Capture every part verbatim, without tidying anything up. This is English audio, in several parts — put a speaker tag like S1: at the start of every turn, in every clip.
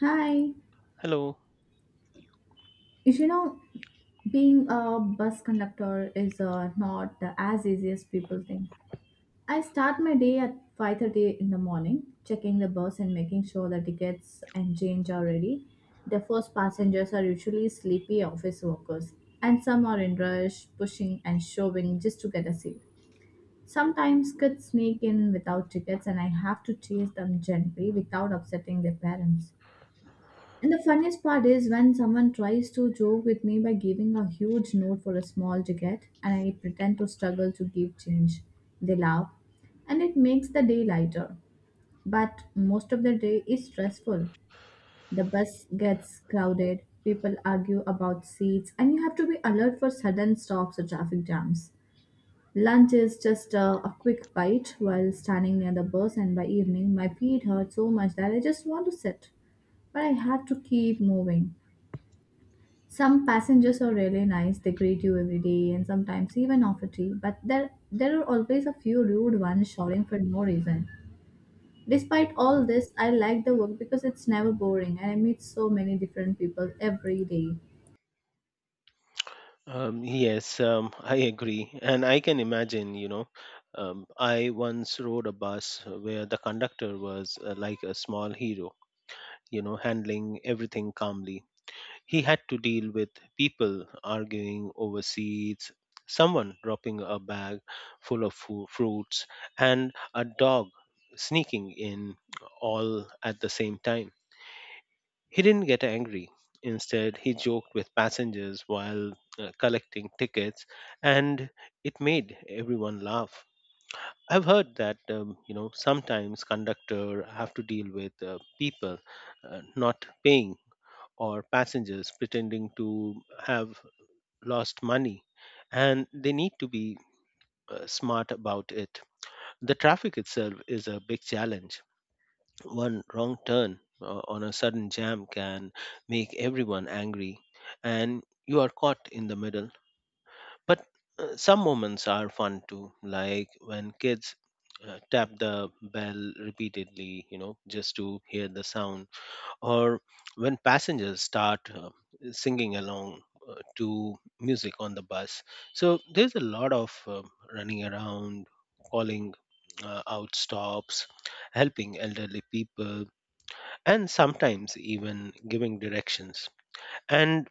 S1: Hi.
S2: Hello.
S1: You know, Being a bus conductor is uh, not as easy as people think. I start my day at five thirty in the morning, checking the bus and making sure the tickets and change are ready. The first passengers are usually sleepy office workers, and some are in rush, pushing and shoving just to get a seat. Sometimes kids sneak in without tickets, and I have to chase them gently without upsetting their parents. And the funniest part is when someone tries to joke with me by giving a huge note for a small ticket and I pretend to struggle to give change. They laugh and it makes the day lighter. But most of the day is stressful. The bus gets crowded, people argue about seats, and you have to be alert for sudden stops or traffic jams. Lunch is just a, a quick bite while standing near the bus, and by evening, my feet hurt so much that I just want to sit. But I have to keep moving. Some passengers are really nice, they greet you every day and sometimes even offer tea, but there there are always a few rude ones shouting for no reason. Despite all this, I like the work because it's never boring and I meet so many different people every day.
S2: Um, yes, um, I agree. And I can imagine, you know, um, I once rode a bus where the conductor was uh, like a small hero, you know, handling everything calmly. He had to deal with people arguing over seats, someone dropping a bag full of fu- fruits, and a dog sneaking in all at the same time. He didn't get angry. Instead, he joked with passengers while uh, collecting tickets, and it made everyone laugh. I've heard that um, you know sometimes conductor have to deal with uh, people uh, not paying or passengers pretending to have lost money, and they need to be uh, smart about it. The traffic itself is a big challenge. One wrong turn uh, on a sudden jam can make everyone angry, and you are caught in the middle. But uh, some moments are fun too, like when kids uh, tap the bell repeatedly, you know, just to hear the sound, or when passengers start uh, singing along uh, to music on the bus. So there's a lot of uh, running around, calling uh, out stops, helping elderly people and sometimes even giving directions. And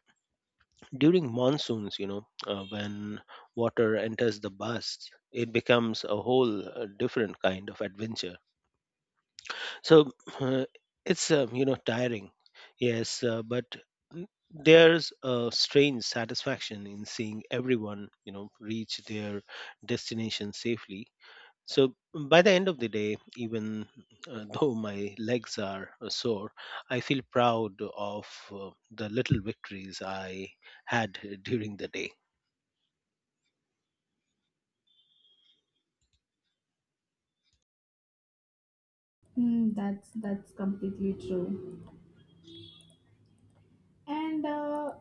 S2: during monsoons, you know, uh, when water enters the bus, it becomes a whole uh, different kind of adventure. So uh, it's, uh, you know, tiring, yes, uh, but n- there's a strange satisfaction in seeing everyone, you know, reach their destination safely. So by the end of the day, even uh, though my legs are uh, sore, I feel proud of uh, the little victories I had during the day.
S1: Mm, that's that's completely true. And uh,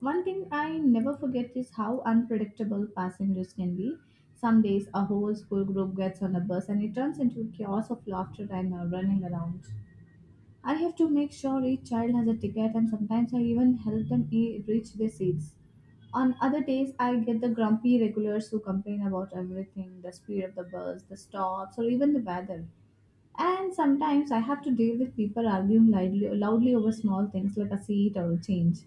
S1: one thing I never forget is how unpredictable passengers can be. Some days a whole school group gets on a bus and it turns into a chaos of laughter and uh, running around. I have to make sure each child has a ticket and sometimes I even help them e- reach their seats. On other days, I get the grumpy regulars who complain about everything, the speed of the bus, the stops, or even the weather. And sometimes I have to deal with people arguing loudly, loudly over small things like a seat or a change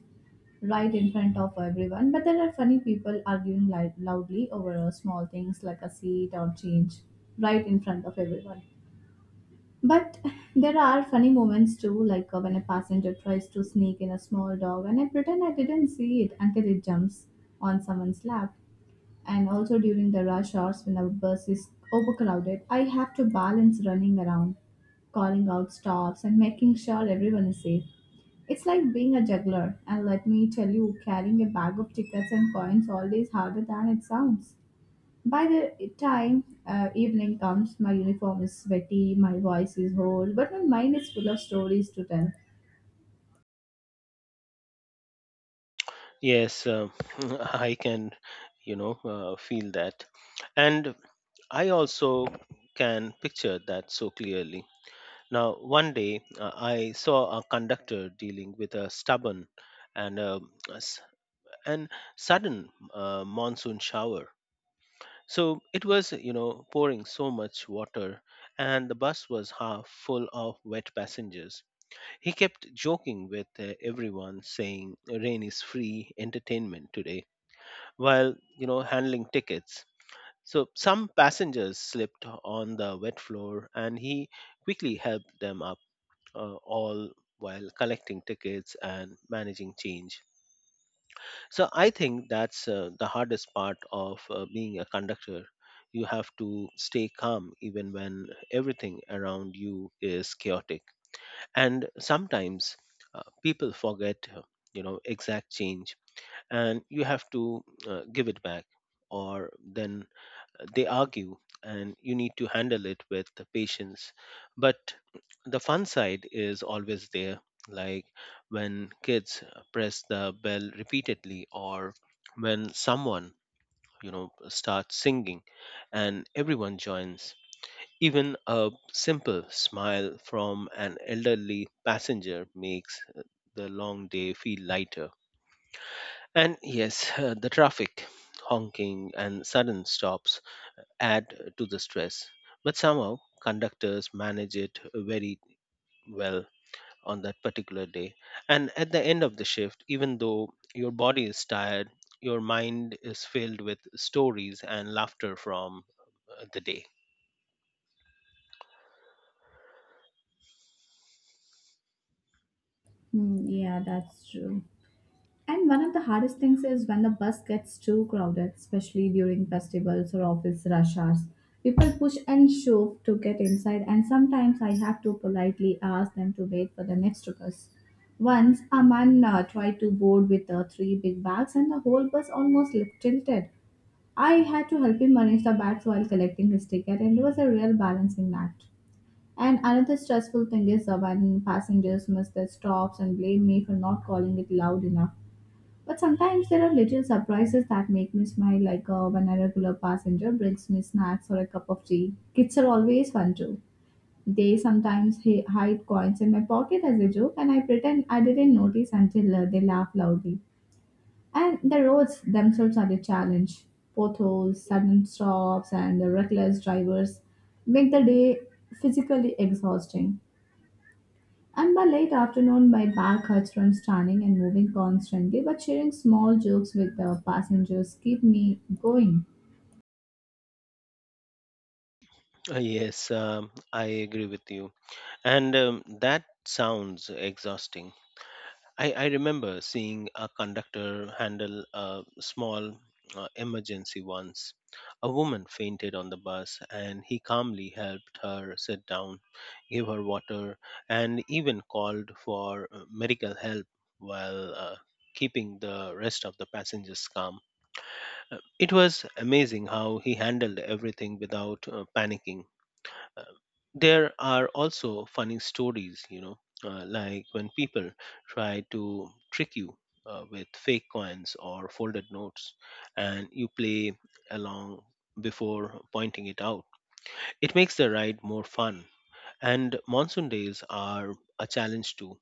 S1: right in front of everyone. But there are funny people arguing li- loudly over uh, small things like a seat or change right in front of everyone. But there are funny moments too, like uh, when a passenger tries to sneak in a small dog and I pretend I didn't see it until it jumps on someone's lap. And also during the rush hours when the bus is overcrowded, I have to balance running around, calling out stops, and making sure everyone is safe. It's like being a juggler, and let me tell you, carrying a bag of tickets and coins all day is harder than it sounds. By the time uh, evening comes, my uniform is sweaty, my voice is hoarse, but my mind is full of stories to tell.
S2: Yes, uh, I can, you know, uh, feel that. And I also can picture that so clearly. Now, one day uh, I saw a conductor dealing with a stubborn and uh, s- and sudden uh, monsoon shower. So it was, you know, pouring so much water, and the bus was half full of wet passengers. He kept joking with uh, everyone, saying, "Rain is free entertainment today," while, you know, handling tickets. So some passengers slipped on the wet floor, and he quickly helped them up, uh, all while collecting tickets and managing change. So I think that's uh, the hardest part of uh, being a conductor. You have to stay calm even when everything around you is chaotic. And sometimes uh, people forget, uh, you know, exact change and you have to uh, give it back or then they argue and you need to handle it with patience. But the fun side is always there, like when kids press the bell repeatedly, or when someone, you know, starts singing and everyone joins. Even a simple smile from an elderly passenger makes uh, the long day feel lighter. And yes, uh, the traffic, honking and sudden stops, add to the stress. But somehow, conductors manage it very well on that particular day. And at the end of the shift, even though your body is tired, your mind is filled with stories and laughter from uh, the day.
S1: Hmm, yeah, that's true. And one of the hardest things is when the bus gets too crowded, especially during festivals or office rush hours. People push and shove to get inside, and sometimes I have to politely ask them to wait for the next bus. Once a man uh, tried to board with uh, three big bags, and the whole bus almost tilted. I had to help him manage the bats while collecting his ticket, and it was a real balancing act. And another stressful thing is uh, when passengers miss their stops and blame me for not calling it loud enough. But sometimes there are little surprises that make me smile, like uh, when a regular passenger brings me snacks or a cup of tea. Kids are always fun too. They sometimes hi- hide coins in my pocket as a joke, and I pretend I didn't notice until uh, they laugh loudly. And the roads themselves are the challenge. Potholes, sudden stops, and the reckless drivers make the day physically exhausting. And by late afternoon, my back hurts from standing and moving constantly, but sharing small jokes with the passengers keep me going.
S2: Uh, Yes, um, I agree with you. And um, that sounds exhausting. I, I remember seeing a conductor handle a small uh, emergency once. A woman fainted on the bus, and he calmly helped her sit down, gave her water, and even called for uh, medical help while uh, keeping the rest of the passengers calm. Uh, It was amazing how he handled everything without uh, panicking. Uh, there are also funny stories, you know, uh, like when people try to trick you uh, with fake coins or folded notes, and you play along before pointing it out. It makes the ride more fun. And monsoon days are a challenge too.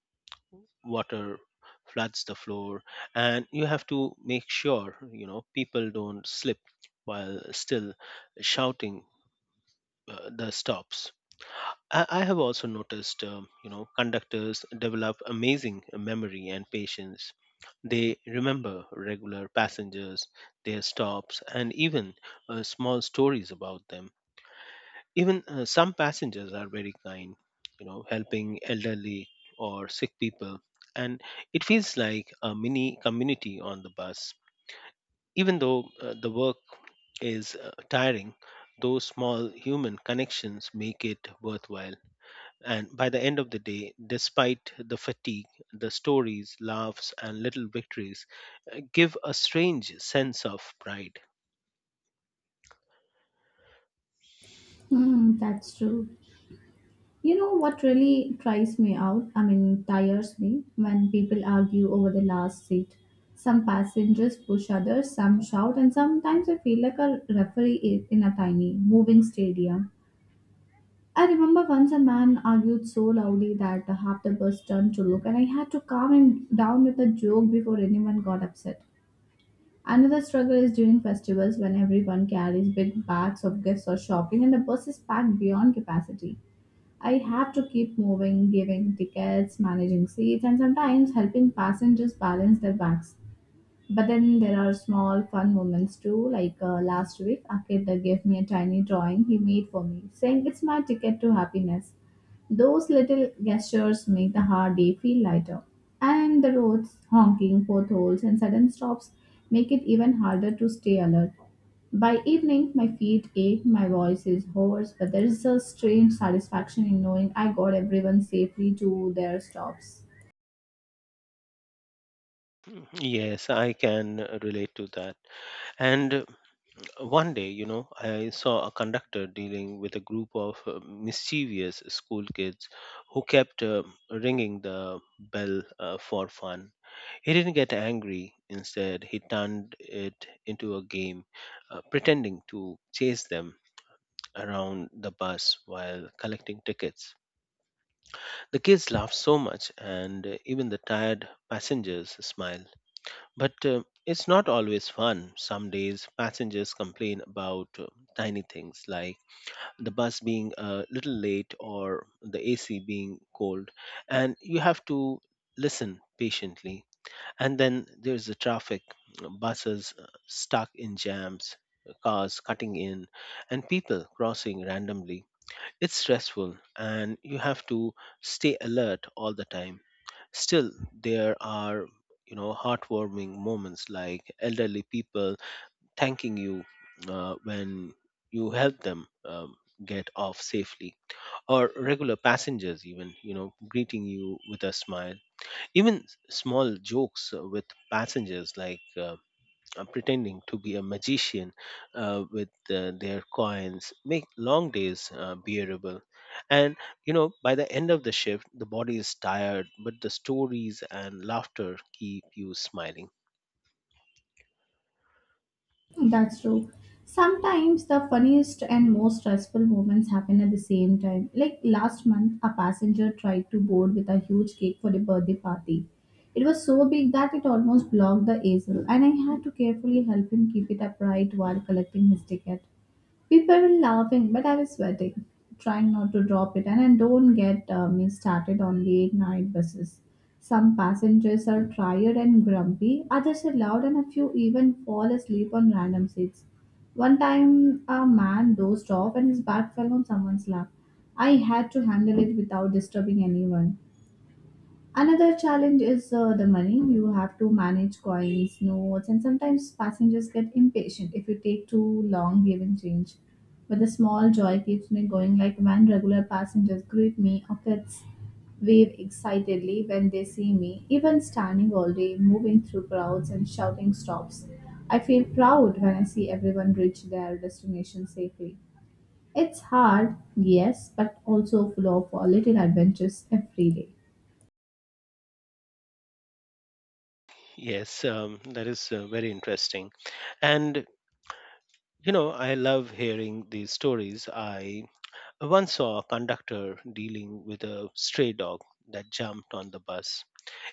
S2: Water floods the floor, and you have to make sure, you know, people don't slip while still shouting uh, the stops. I, I have also noticed, um, you know, conductors develop amazing memory and patience. They remember regular passengers, their stops, and even uh, small stories about them. Even uh, some passengers are very kind, you know, helping elderly or sick people. And it feels like a mini community on the bus. Even though uh, the work is uh, tiring, those small human connections make it worthwhile. And by the end of the day, despite the fatigue, the stories, laughs, and little victories uh, give a strange sense of pride.
S1: Hmm, that's true. You know what really tries me out? I mean, tires me when people argue over the last seat. Some passengers push others, some shout, and sometimes I feel like a referee i- in a tiny, moving stadium. I remember once a man argued so loudly that half the bus turned to look, and I had to calm him down with a joke before anyone got upset. Another struggle is during festivals when everyone carries big bags of gifts or shopping, and the bus is packed beyond capacity. I have to keep moving, giving tickets, managing seats, and sometimes helping passengers balance their bags. But then there are small fun moments too. Like uh, last week, a kid uh, gave me a tiny drawing he made for me, saying it's my ticket to happiness. Those little gestures make the hard day feel lighter. And the roads, honking, potholes, and sudden stops make it even harder to stay alert. By evening, my feet ache, my voice is hoarse, but there is a strange satisfaction in knowing I got everyone safely to their stops.
S2: Mhm. Yes, I can uh, relate to that. And uh, one day, you know, I saw a conductor dealing with a group of uh, mischievous school kids who kept uh, ringing the bell uh, for fun. He didn't get angry. Instead, he turned it into a game, uh, pretending to chase them around the bus while collecting tickets. The kids laugh so much, and uh, even the tired passengers smile. But uh, it's not always fun. Some days, passengers complain about uh, tiny things like the bus being a little late or the A C being cold, and you have to listen patiently. And then there's the traffic, buses uh, stuck in jams, cars cutting in, and people crossing randomly. It's stressful and you have to stay alert all the time. Still, there are, you know, heartwarming moments like elderly people thanking you uh, when you help them um, get off safely, or regular passengers even, you know, greeting you with a smile. Even s- small jokes uh, with passengers, like uh, uh, pretending to be a magician uh, with uh, their coins, make long days uh, bearable. And, you know, by the end of the shift, the body is tired but the stories and laughter keep you smiling.
S1: That's true. Sometimes the funniest and most stressful moments happen at the same time. Like last month, a passenger tried to board with a huge cake for a birthday party. It was so big that it almost blocked the easel, and I had to carefully help him keep it upright while collecting his ticket. People were laughing, but I was sweating, trying not to drop it. And I don't get uh, me started on late night buses. Some passengers are tired and grumpy, others are loud, and a few even fall asleep on random seats. One time, a man dozed off and his bag fell on someone's lap. I had to handle it without disturbing anyone. Another challenge is uh, the money. You have to manage coins, notes, and sometimes passengers get impatient if you take too long giving change. But the small joy keeps me going, like when regular passengers greet me or kids wave excitedly when they see me, even standing all day, moving through crowds and shouting stops. I feel proud when I see everyone reach their destination safely. It's hard, yes, but also full of uh, little adventures every day.
S2: Yes, um, that is uh, very interesting. And, you know, I love hearing these stories. I once saw a conductor dealing with a stray dog that jumped on the bus.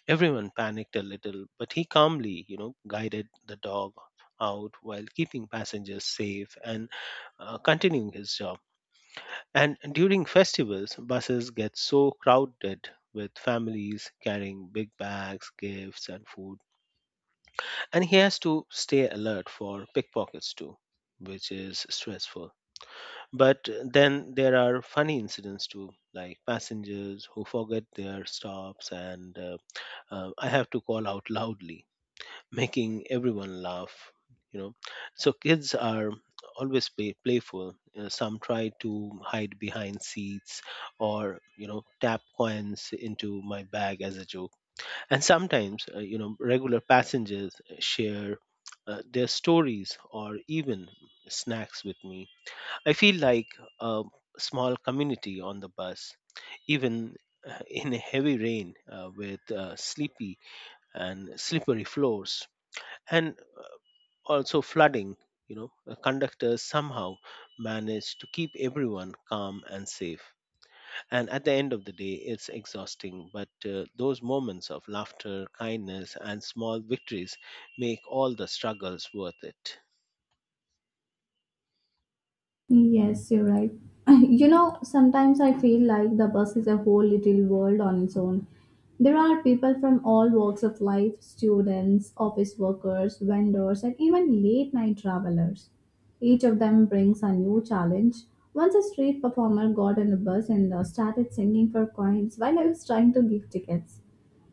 S2: Everyone panicked a little, but he calmly, you know, guided the dog out while keeping passengers safe and uh, continuing his job. And during festivals, buses get so crowded with families carrying big bags, gifts, and food. And he has to stay alert for pickpockets too, which is stressful. But then there are funny incidents too, like passengers who forget their stops, and uh, uh, I have to call out loudly, making everyone laugh, you know. So kids are always play, playful. Uh, some try to hide behind seats or, you know, tap coins into my bag as a joke. And sometimes, uh, you know, regular passengers share uh, their stories or even snacks with me. I feel like a small community on the bus. Even uh, in a heavy rain uh, with uh, sleepy and slippery floors and also flooding, you know, the conductors somehow managed to keep everyone calm and safe. And at the end of the day, it's exhausting but uh, those moments of laughter, kindness, and small victories make all the struggles worth it.
S1: Yes, you're right. You know, sometimes I feel like the bus is a whole little world on its own. There are people from all walks of life, students, office workers, vendors, and even late night travelers. Each of them brings a new challenge. Once a street performer got on the bus and uh, started singing for coins while I was trying to give tickets.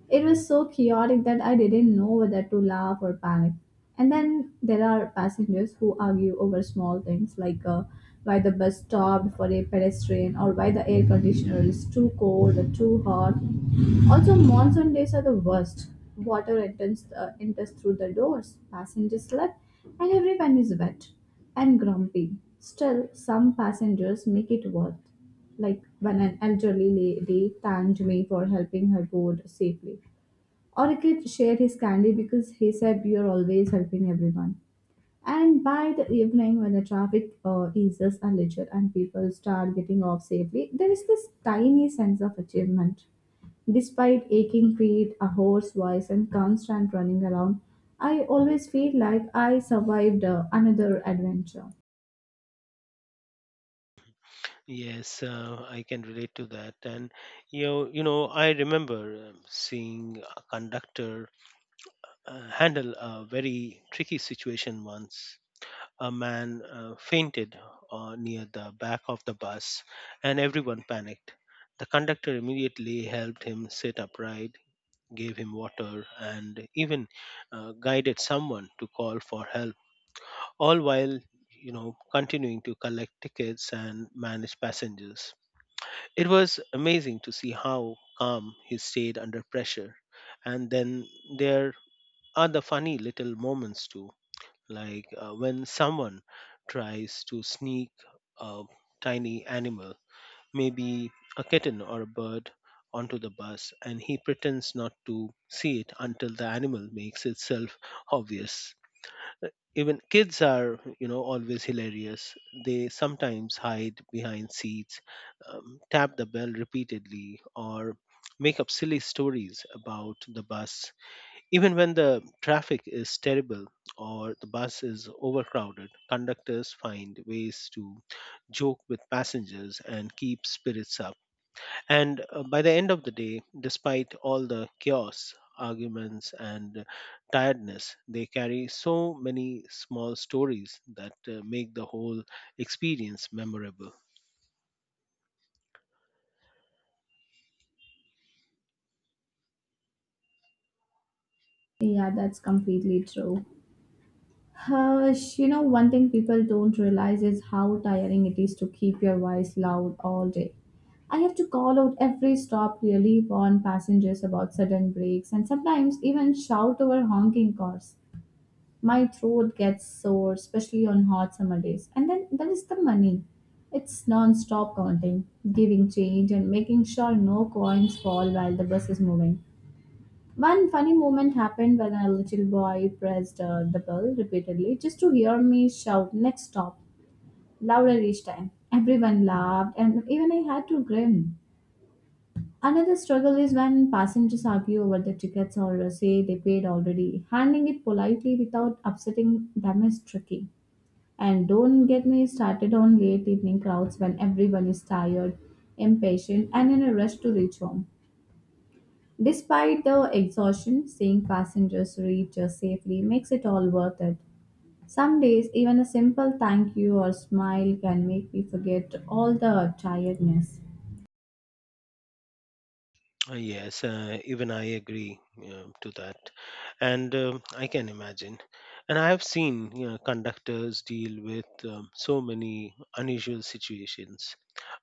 S1: It was so chaotic that I didn't know whether to laugh or panic. And then there are passengers who argue over small things like uh, why the bus stopped for a pedestrian or why the air conditioner is too cold or too hot. Also, monsoon days are the worst. Water enters, uh, enters through the doors, passengers slept, and everyone is wet and grumpy. Still, some passengers make it worth, like when an elderly lady thanked me for helping her board safely. Or a kid shared his candy because he said, "You're always helping everyone." And by the evening, when the traffic uh, eases a little and people start getting off safely, there is this tiny sense of achievement. Despite aching feet, a hoarse voice, and constant running around, I always feel like I survived uh, another adventure.
S2: Yes, uh, I can relate to that. And, you know, you know I remember um, seeing a conductor uh, handle a very tricky situation once. A man uh, fainted uh, near the back of the bus, and everyone panicked. The conductor immediately helped him sit upright, gave him water, and even uh, guided someone to call for help, all while, you know, continuing to collect tickets and manage passengers. It was amazing to see how calm he stayed under pressure. And then there are the funny little moments too, like uh, when someone tries to sneak a tiny animal, maybe a kitten or a bird, onto the bus and he pretends not to see it until the animal makes itself obvious. Even kids are, you know, always hilarious. They sometimes hide behind seats, um, tap the bell repeatedly, or make up silly stories about the bus. Even when the traffic is terrible or the bus is overcrowded, conductors find ways to joke with passengers and keep spirits up. And uh, by the end of the day, despite all the chaos, arguments, and tiredness, they carry so many small stories that uh, make the whole experience memorable.
S1: Yeah, that's completely true. Hush, you know, one thing people don't realize is how tiring it is to keep your voice loud all day. I have to call out every stop, really warn passengers about sudden breaks, and sometimes even shout over honking cars. My throat gets sore, especially on hot summer days. And then there is the money. It's non stop counting, giving change, and making sure no coins fall while the bus is moving. One funny moment happened when a little boy pressed uh, the bell repeatedly just to hear me shout next stop louder each time. Everyone laughed and even I had to grin. Another struggle is when passengers argue over the tickets or uh, say they paid already. Handling it politely without upsetting them is tricky. And don't get me started on late evening crowds when everyone is tired, impatient, and in a rush to reach home. Despite the exhaustion, seeing passengers reach us safely makes it all worth it. Some days, even a simple thank you or smile can make me forget all the tiredness.
S2: Uh, Yes, uh, even I agree uh, to that, and um I can imagine. And I have seen, you know, conductors deal with um, so many unusual situations.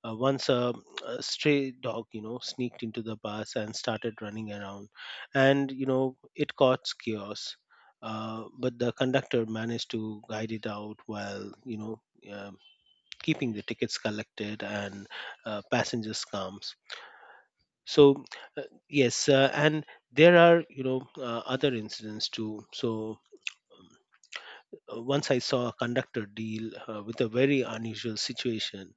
S2: Uh, once a, a stray dog, you know, sneaked into the bus and started running around, and you know it caused chaos. Uh, but the conductor managed to guide it out while you know um keeping the tickets collected and uh, passengers calm. So uh, yes uh, and There are, you know, uh, other incidents too. so um, uh, Once I saw a conductor deal uh, with a very unusual situation.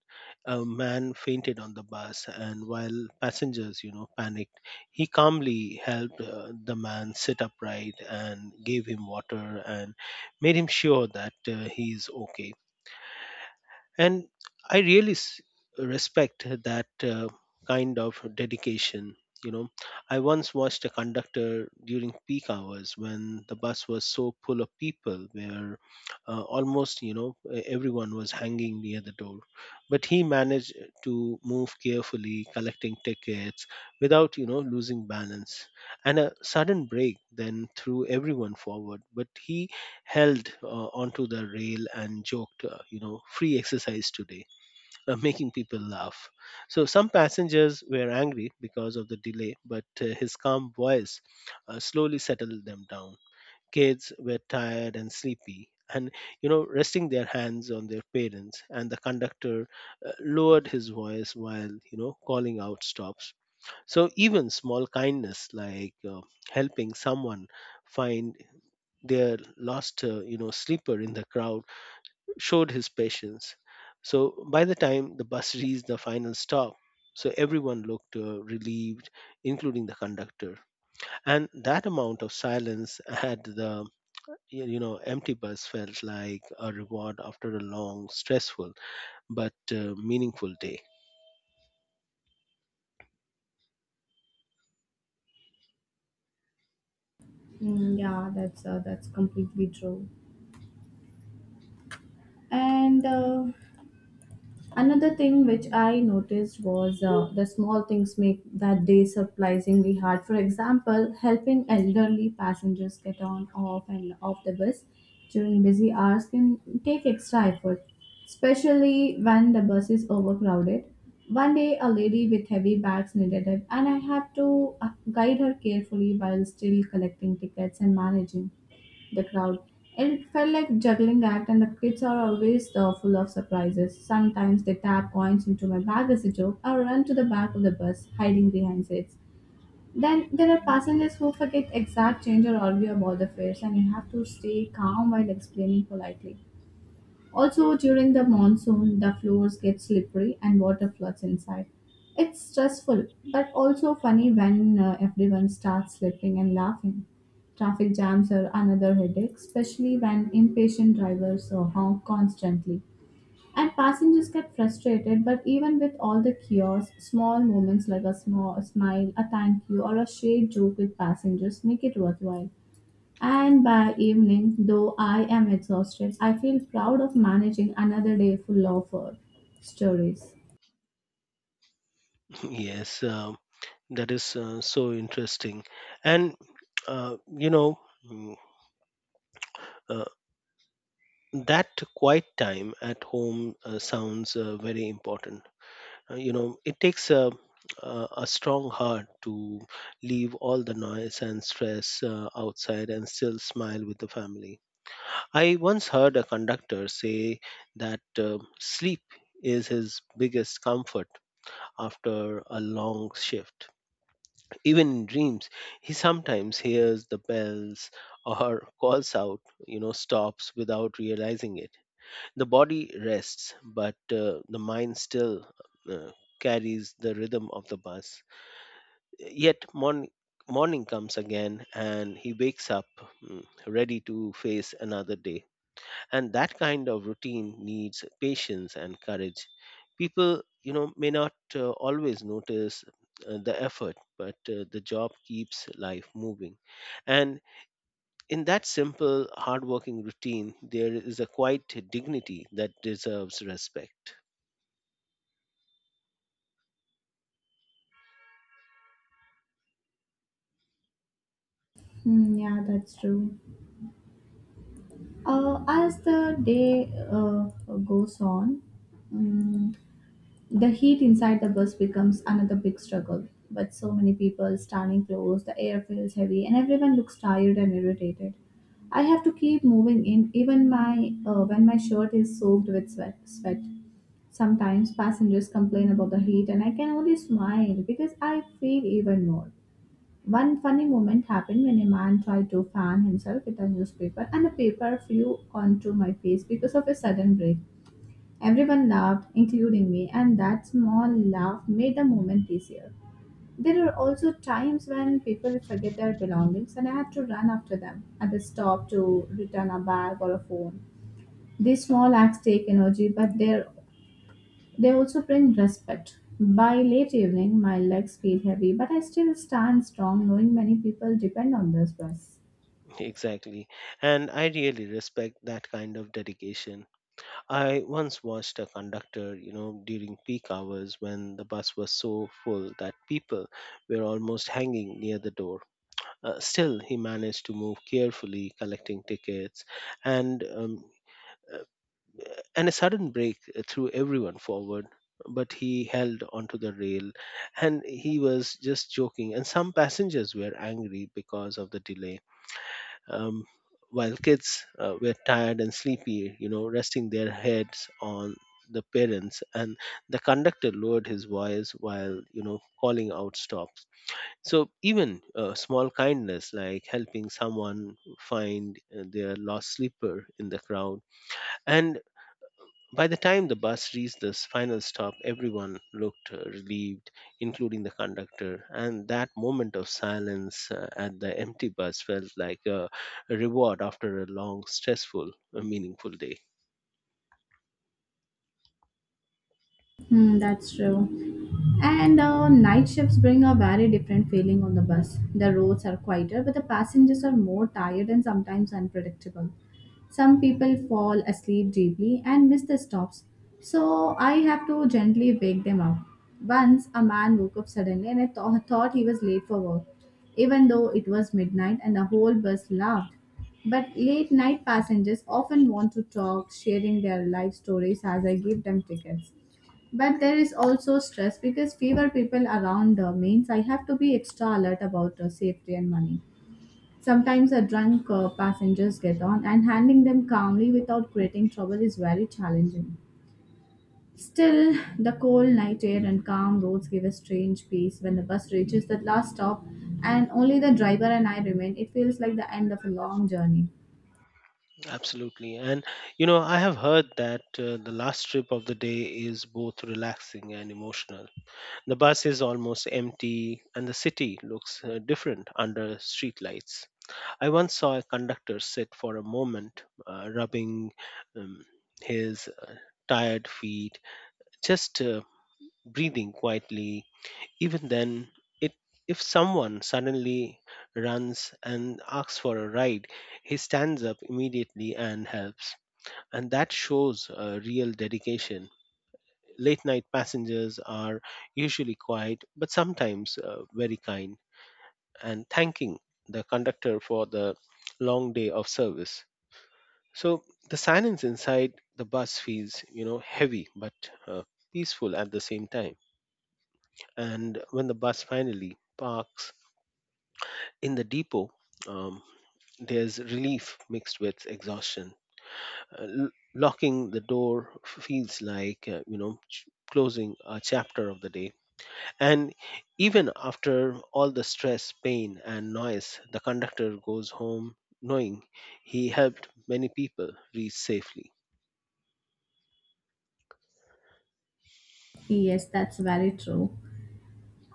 S2: A man fainted on the bus, and while passengers, you know, panicked, he calmly helped uh, the man sit upright and gave him water and made him sure that uh, he is okay. And I really s- respect that uh, kind of dedication, you know. I once watched a conductor during peak hours when the bus was so full of people where uh, almost, you know, e- everyone was hanging near the door, but he managed to move carefully, collecting tickets without, you know, losing balance. And a sudden break then threw everyone forward, but he held uh, onto the rail and joked, uh, you know, free exercise today, uh, making people laugh. So some passengers were angry because of the delay, but uh, his calm voice uh, slowly settled them down. Kids were tired and sleepy, and you know, resting their hands on their parents, and the conductor uh, lowered his voice while, you know, calling out stops. So even small kindness like uh, helping someone find their last uh, you know sleeper in the crowd showed his patience. So by the time the bus reached the final stop, so everyone looked uh, relieved, including the conductor. And that amount of silence at the y- you know empty bus felt like a reward after a long, stressful but uh, meaningful day.
S1: Mm, yeah, that's uh, that's completely true. And uh, another thing which I noticed was uh, the small things make that day surprisingly hard. For example, helping elderly passengers get on, off, and off the bus during busy hours can take extra effort, especially when the bus is overcrowded. One day, a lady with heavy bags needed help, and I had to uh, guide her carefully while still collecting tickets and managing the crowd. It felt like juggling act, and the kids are always uh, full of surprises. Sometimes they tap coins into my bag as a joke or run to the back of the bus, hiding behind seats. Then there are passengers who forget exact change or argue about the fares, and you have to stay calm while explaining politely. Also, during the monsoon, the floors get slippery and water floods inside. It's stressful, but also funny when uh, everyone starts slipping and laughing. Traffic jams are another headache, especially when impatient drivers uh, honk constantly. And passengers get frustrated, but even with all the chaos, small moments like a small a smile, a thank you, or a shared joke with passengers make it worthwhile. And by evening, though I am exhausted, I feel proud of managing another day full of uh, stories.
S2: Yes. Um, that is uh, so interesting. And uh, you know mm, uh, that quiet time at home uh, sounds uh, very important. Uh, you know, it takes a, a a strong heart to leave all the noise and stress uh, outside and still smile with the family. I once heard a conductor say that uh, sleep is his biggest comfort after a long shift. Even in dreams, he sometimes hears the bells or calls out, you know, stops without realizing it. The body rests, but uh, the mind still uh, carries the rhythm of the bus. Yet morning, morning comes again, and he wakes up, mm, ready to face another day. And that kind of routine needs patience and courage. People, you know, may not uh, always notice uh, the effort, but uh, the job keeps life moving. And in that simple, hardworking routine, there is a quiet dignity that deserves respect.
S1: Hmm, yeah, that's true. Uh, as the day uh, goes on, mm, the heat inside the bus becomes another big struggle. But so many people standing close, the air feels heavy, and everyone looks tired and irritated. I have to keep moving in, even my uh, when my shirt is soaked with sweat. Sweat. Sometimes passengers complain about the heat, and I can only smile because I feel even more. One funny moment happened when a man tried to fan himself with a newspaper, and the paper flew onto my face because of a sudden break. Everyone laughed, including me, and that small laugh made the moment easier. There are also times when people forget their belongings and I have to run after them at the stop to return a bag or a phone. These small acts take energy, but they're they also bring respect. By late evening, my legs feel heavy, but I still stand strong knowing many people depend on this bus.
S2: Exactly. And I really respect that kind of dedication. I once watched a conductor, you know, during peak hours when the bus was so full that people were almost hanging near the door. Uh, still, he managed to move carefully, collecting tickets and um, uh, and a sudden break threw everyone forward, but he held onto the rail, and he was just joking. And some passengers were angry because of the delay, um, while kids uh, were tired and sleepy, you know, resting their heads on the parents, and the conductor lowered his voice while, you know, calling out stops. So even uh, small kindness like helping someone find uh, their lost sleeper in the crowd. And by the time the bus reached this final stop, everyone looked uh, relieved, including the conductor, and that moment of silence uh, at the empty bus felt like a reward after a long, stressful, uh, meaningful day.
S1: Hmm, that's true. And uh, night shifts bring a very different feeling on the bus. The roads are quieter, but the passengers are more tired and sometimes unpredictable. Some people fall asleep deeply and miss the stops, so I have to gently wake them up. Once a man woke up suddenly and I tho- thought he was late for work, even though it was midnight and the whole bus laughed. But late night passengers often want to talk, sharing their life stories as I give them tickets. But there is also stress because fewer people around uh, means I have to be extra alert about uh, safety and money. Sometimes a drunk uh, passengers get on, and handling them calmly without creating trouble is very challenging. Still, the cold night air and calm roads give a strange peace when the bus reaches that last stop and only the driver and I remain. It feels like the end of a long journey.
S2: Absolutely. And, you know, I have heard that uh, the last trip of the day is both relaxing and emotional. The bus is almost empty, and the city looks uh, different under street lights. I once saw a conductor sit for a moment, uh, rubbing um, his uh, tired feet, just uh, breathing quietly. Even then, it, if someone suddenly runs and asks for a ride, he stands up immediately and helps. And that shows uh, real dedication. Late night passengers are usually quiet, but sometimes uh, very kind, and thanking the conductor for the long day of service. So the silence inside the bus feels, you know, heavy but uh, peaceful at the same time. And when the bus finally parks in the depot, um, there's relief mixed with exhaustion. Uh, l- locking the door feels like, uh, you know, ch- closing a chapter of the day. And even after all the stress, pain, and noise, the conductor goes home knowing he helped many people reach safely.
S1: Yes, that's very true.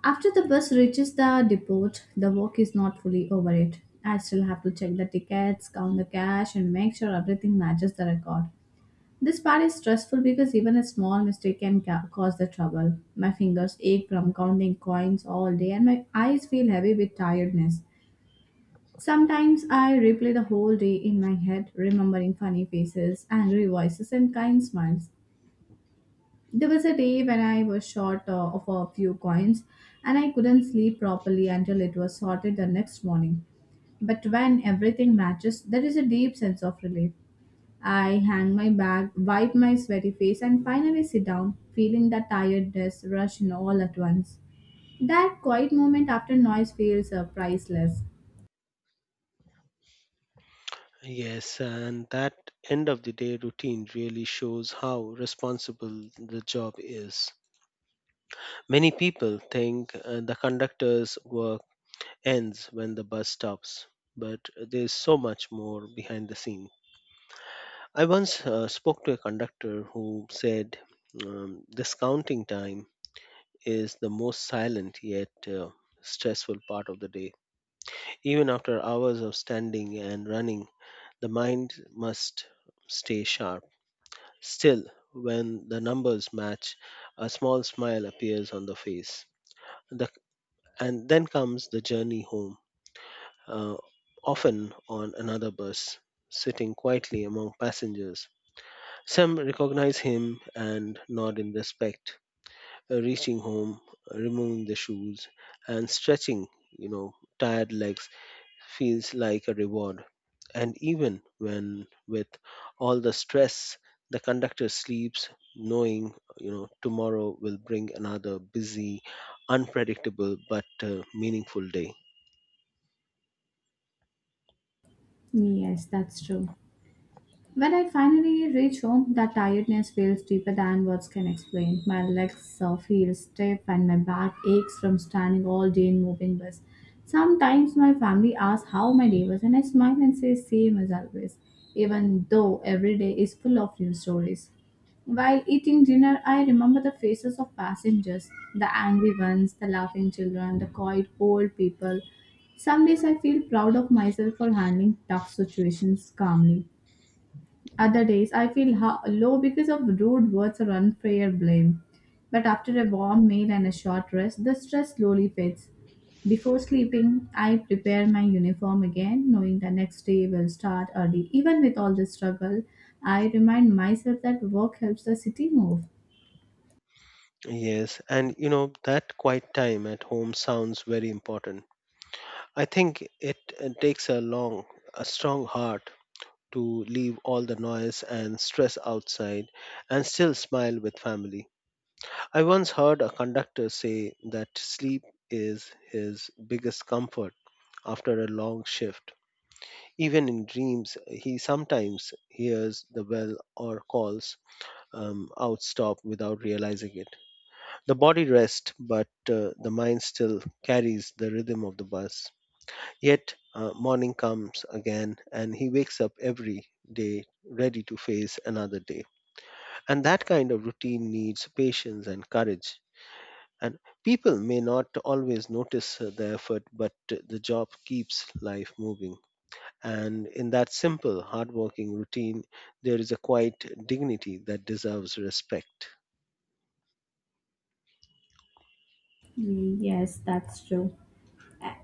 S1: After the bus reaches the depot, the work is not fully over It. I still have to check the tickets, count the cash, and make sure everything matches the record. This part is stressful because even a small mistake can ca- cause the trouble. My fingers ache from counting coins all day, and my eyes feel heavy with tiredness. Sometimes I replay the whole day in my head, remembering funny faces, angry voices, and kind smiles. There was a day when I was short uh, of a few coins and I couldn't sleep properly until it was sorted the next morning. But when everything matches, there is a deep sense of relief. I hang my bag, wipe my sweaty face, and finally sit down, feeling the tiredness rush in all at once. That quiet moment after noise feels uh, priceless.
S2: Yes, and that end of the day routine really shows how responsible the job is. Many people think uh, the conductor's work ends when the bus stops, but there's so much more behind the scene. I once uh, spoke to a conductor who said um, this counting time is the most silent yet uh, stressful part of the day. Even after hours of standing and running, the mind must stay sharp. Still, when the numbers match, a small smile appears on the face. The, and then comes the journey home, uh, often on another bus, sitting quietly among passengers. Some recognize him and nod in respect. Uh, reaching home, removing the shoes, and stretching, you know, tired legs feels like a reward. And even when with all the stress, the conductor sleeps knowing, you know, tomorrow will bring another busy, unpredictable but uh, meaningful day.
S1: Yes, that's true. When I finally reach home, the tiredness feels deeper than words can explain. My legs uh, feel stiff and my back aches from standing all day in moving bus. Sometimes my family asks how my day was, and I smile and say, same as always, even though every day is full of new stories. While eating dinner, I remember the faces of passengers, the angry ones, the laughing children, the quiet old people. Some days I feel proud of myself for handling tough situations calmly. Other days, I feel ho- low because of rude words or unfair blame. But after a warm meal and a short rest, the stress slowly fades. Before sleeping, I prepare my uniform again, knowing the next day will start early. Even with all this struggle, I remind myself that work helps the city move.
S2: Yes, and you know, that quiet time at home sounds very important. I think it, uh takes a long a strong heart to leave all the noise and stress outside and still smile with family. I once heard a conductor say that sleep is his biggest comfort after a long shift. Even in dreams, he sometimes hears the bell or calls um, out stop without realizing it. The body rests, but uh, the mind still carries the rhythm of the bus. Yet, uh, morning comes again, and he wakes up every day ready to face another day. And that kind of routine needs patience and courage. And people may not always notice uh, the effort, but uh, the job keeps life moving. And in that simple, hardworking routine, there is a quiet dignity that deserves respect.
S1: Mm, yes, that's true.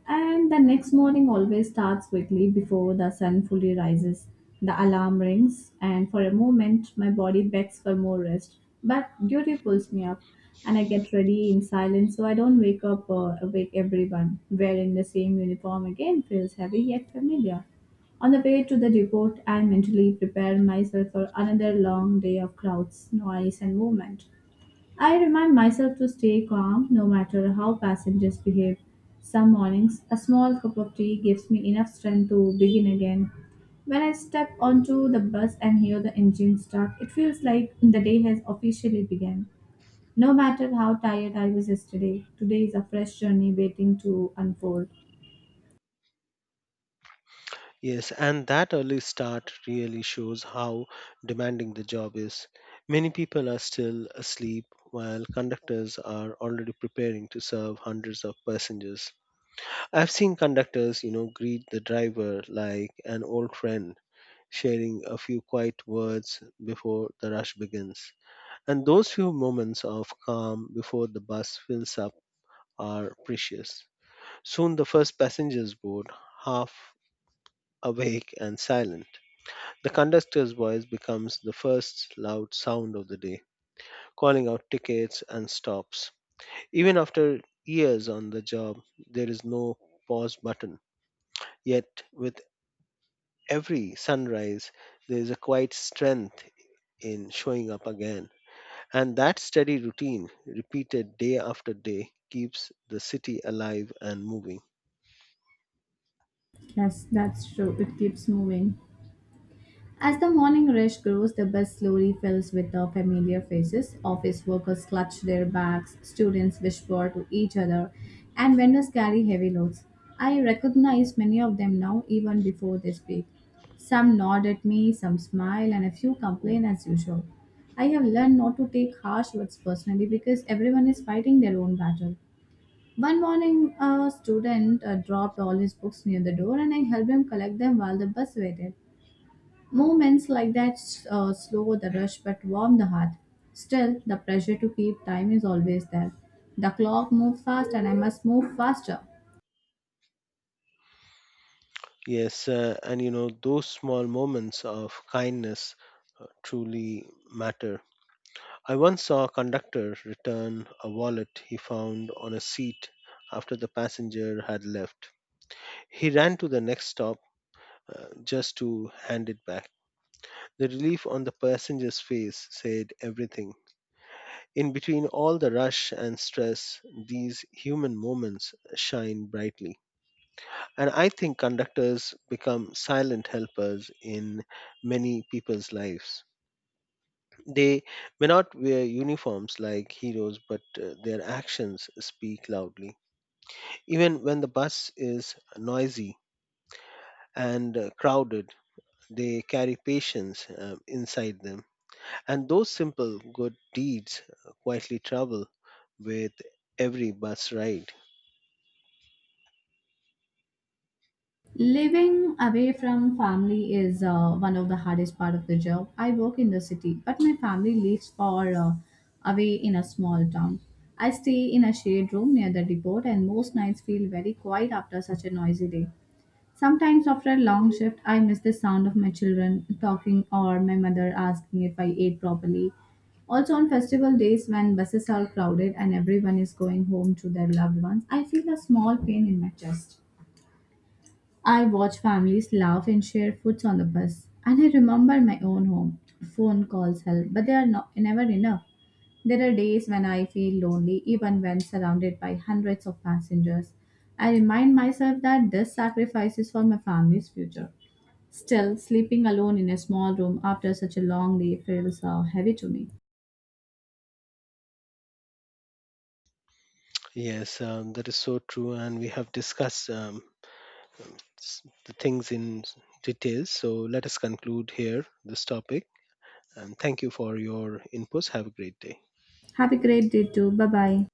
S1: And the next morning always starts quickly before the sun fully rises. The alarm rings, and for a moment, my body begs for more rest. But duty pulls me up, and I get ready in silence so I don't wake up or awake everyone. Wearing the same uniform again feels heavy yet familiar. On the way to the depot, I mentally prepare myself for another long day of crowds, noise, and movement. I remind myself to stay calm no matter how passengers behave. Some mornings, a small cup of tea gives me enough strength to begin again. When I step onto the bus and hear the engine start, it feels like the day has officially begun. No matter how tired I was yesterday, today is a fresh journey waiting to unfold.
S2: Yes, and that early start really shows how demanding the job is. Many people are still asleep while conductors are already preparing to serve hundreds of passengers. I've seen conductors, you know, greet the driver like an old friend, sharing a few quiet words before the rush begins. And those few moments of calm before the bus fills up are precious. Soon the first passengers board, half awake and silent. The conductor's voice becomes the first loud sound of the day, calling out tickets and stops. Even after years on the job, there is no pause button. Yet, with every sunrise, there is a quiet strength in showing up again. And that steady routine, repeated day after day, keeps the city alive and moving.
S1: Yes, that's true. It keeps moving. As the morning rush grows, the bus slowly fills with the familiar faces. Office workers clutch their bags, students whisper to each other, and vendors carry heavy loads. I recognize many of them now, even before they speak. Some nod at me, some smile, and a few complain as usual. I have learned not to take harsh words personally because everyone is fighting their own battle. One morning, a student uh, dropped all his books near the door, and I helped him collect them while the bus waited. Moments like that uh, slow the rush but warm the heart. Still, the pressure to keep time is always there. The clock moves fast and I must move faster.
S2: Yes, uh, and you know, those small moments of kindness uh, truly matter. I once saw a conductor return a wallet he found on a seat after the passenger had left. He ran to the next stop uh, just to hand it back. The relief on the passenger's face said everything. In between all the rush and stress, these human moments shine brightly. And I think conductors become silent helpers in many people's lives. They may not wear uniforms like heroes, but uh, their actions speak loudly. Even when the bus is noisy and uh, crowded, they carry patience uh, inside them. And those simple good deeds uh, quietly travel with every bus ride.
S1: Living away from family is uh, one of the hardest part of the job. I work in the city, but my family lives far uh, away in a small town. I stay in a shared room near the depot and most nights feel very quiet after such a noisy day. Sometimes after a long shift, I miss the sound of my children talking or my mother asking if I ate properly. Also, on festival days when buses are crowded and everyone is going home to their loved ones, I feel a small pain in my chest. I watch families laugh and share foods on the bus. And I remember my own home. Phone calls help, but they are not, never enough. There are days when I feel lonely, even when surrounded by hundreds of passengers. I remind myself that this sacrifice is for my family's future. Still, sleeping alone in a small room after such a long day feels uh, heavy to me.
S2: Yes, um, that is so true, and we have discussed um, um, s- the things in s- detail. So let us conclude here this topic. And thank you for your inputs. Have a great day.
S1: Have a great day too. Bye bye.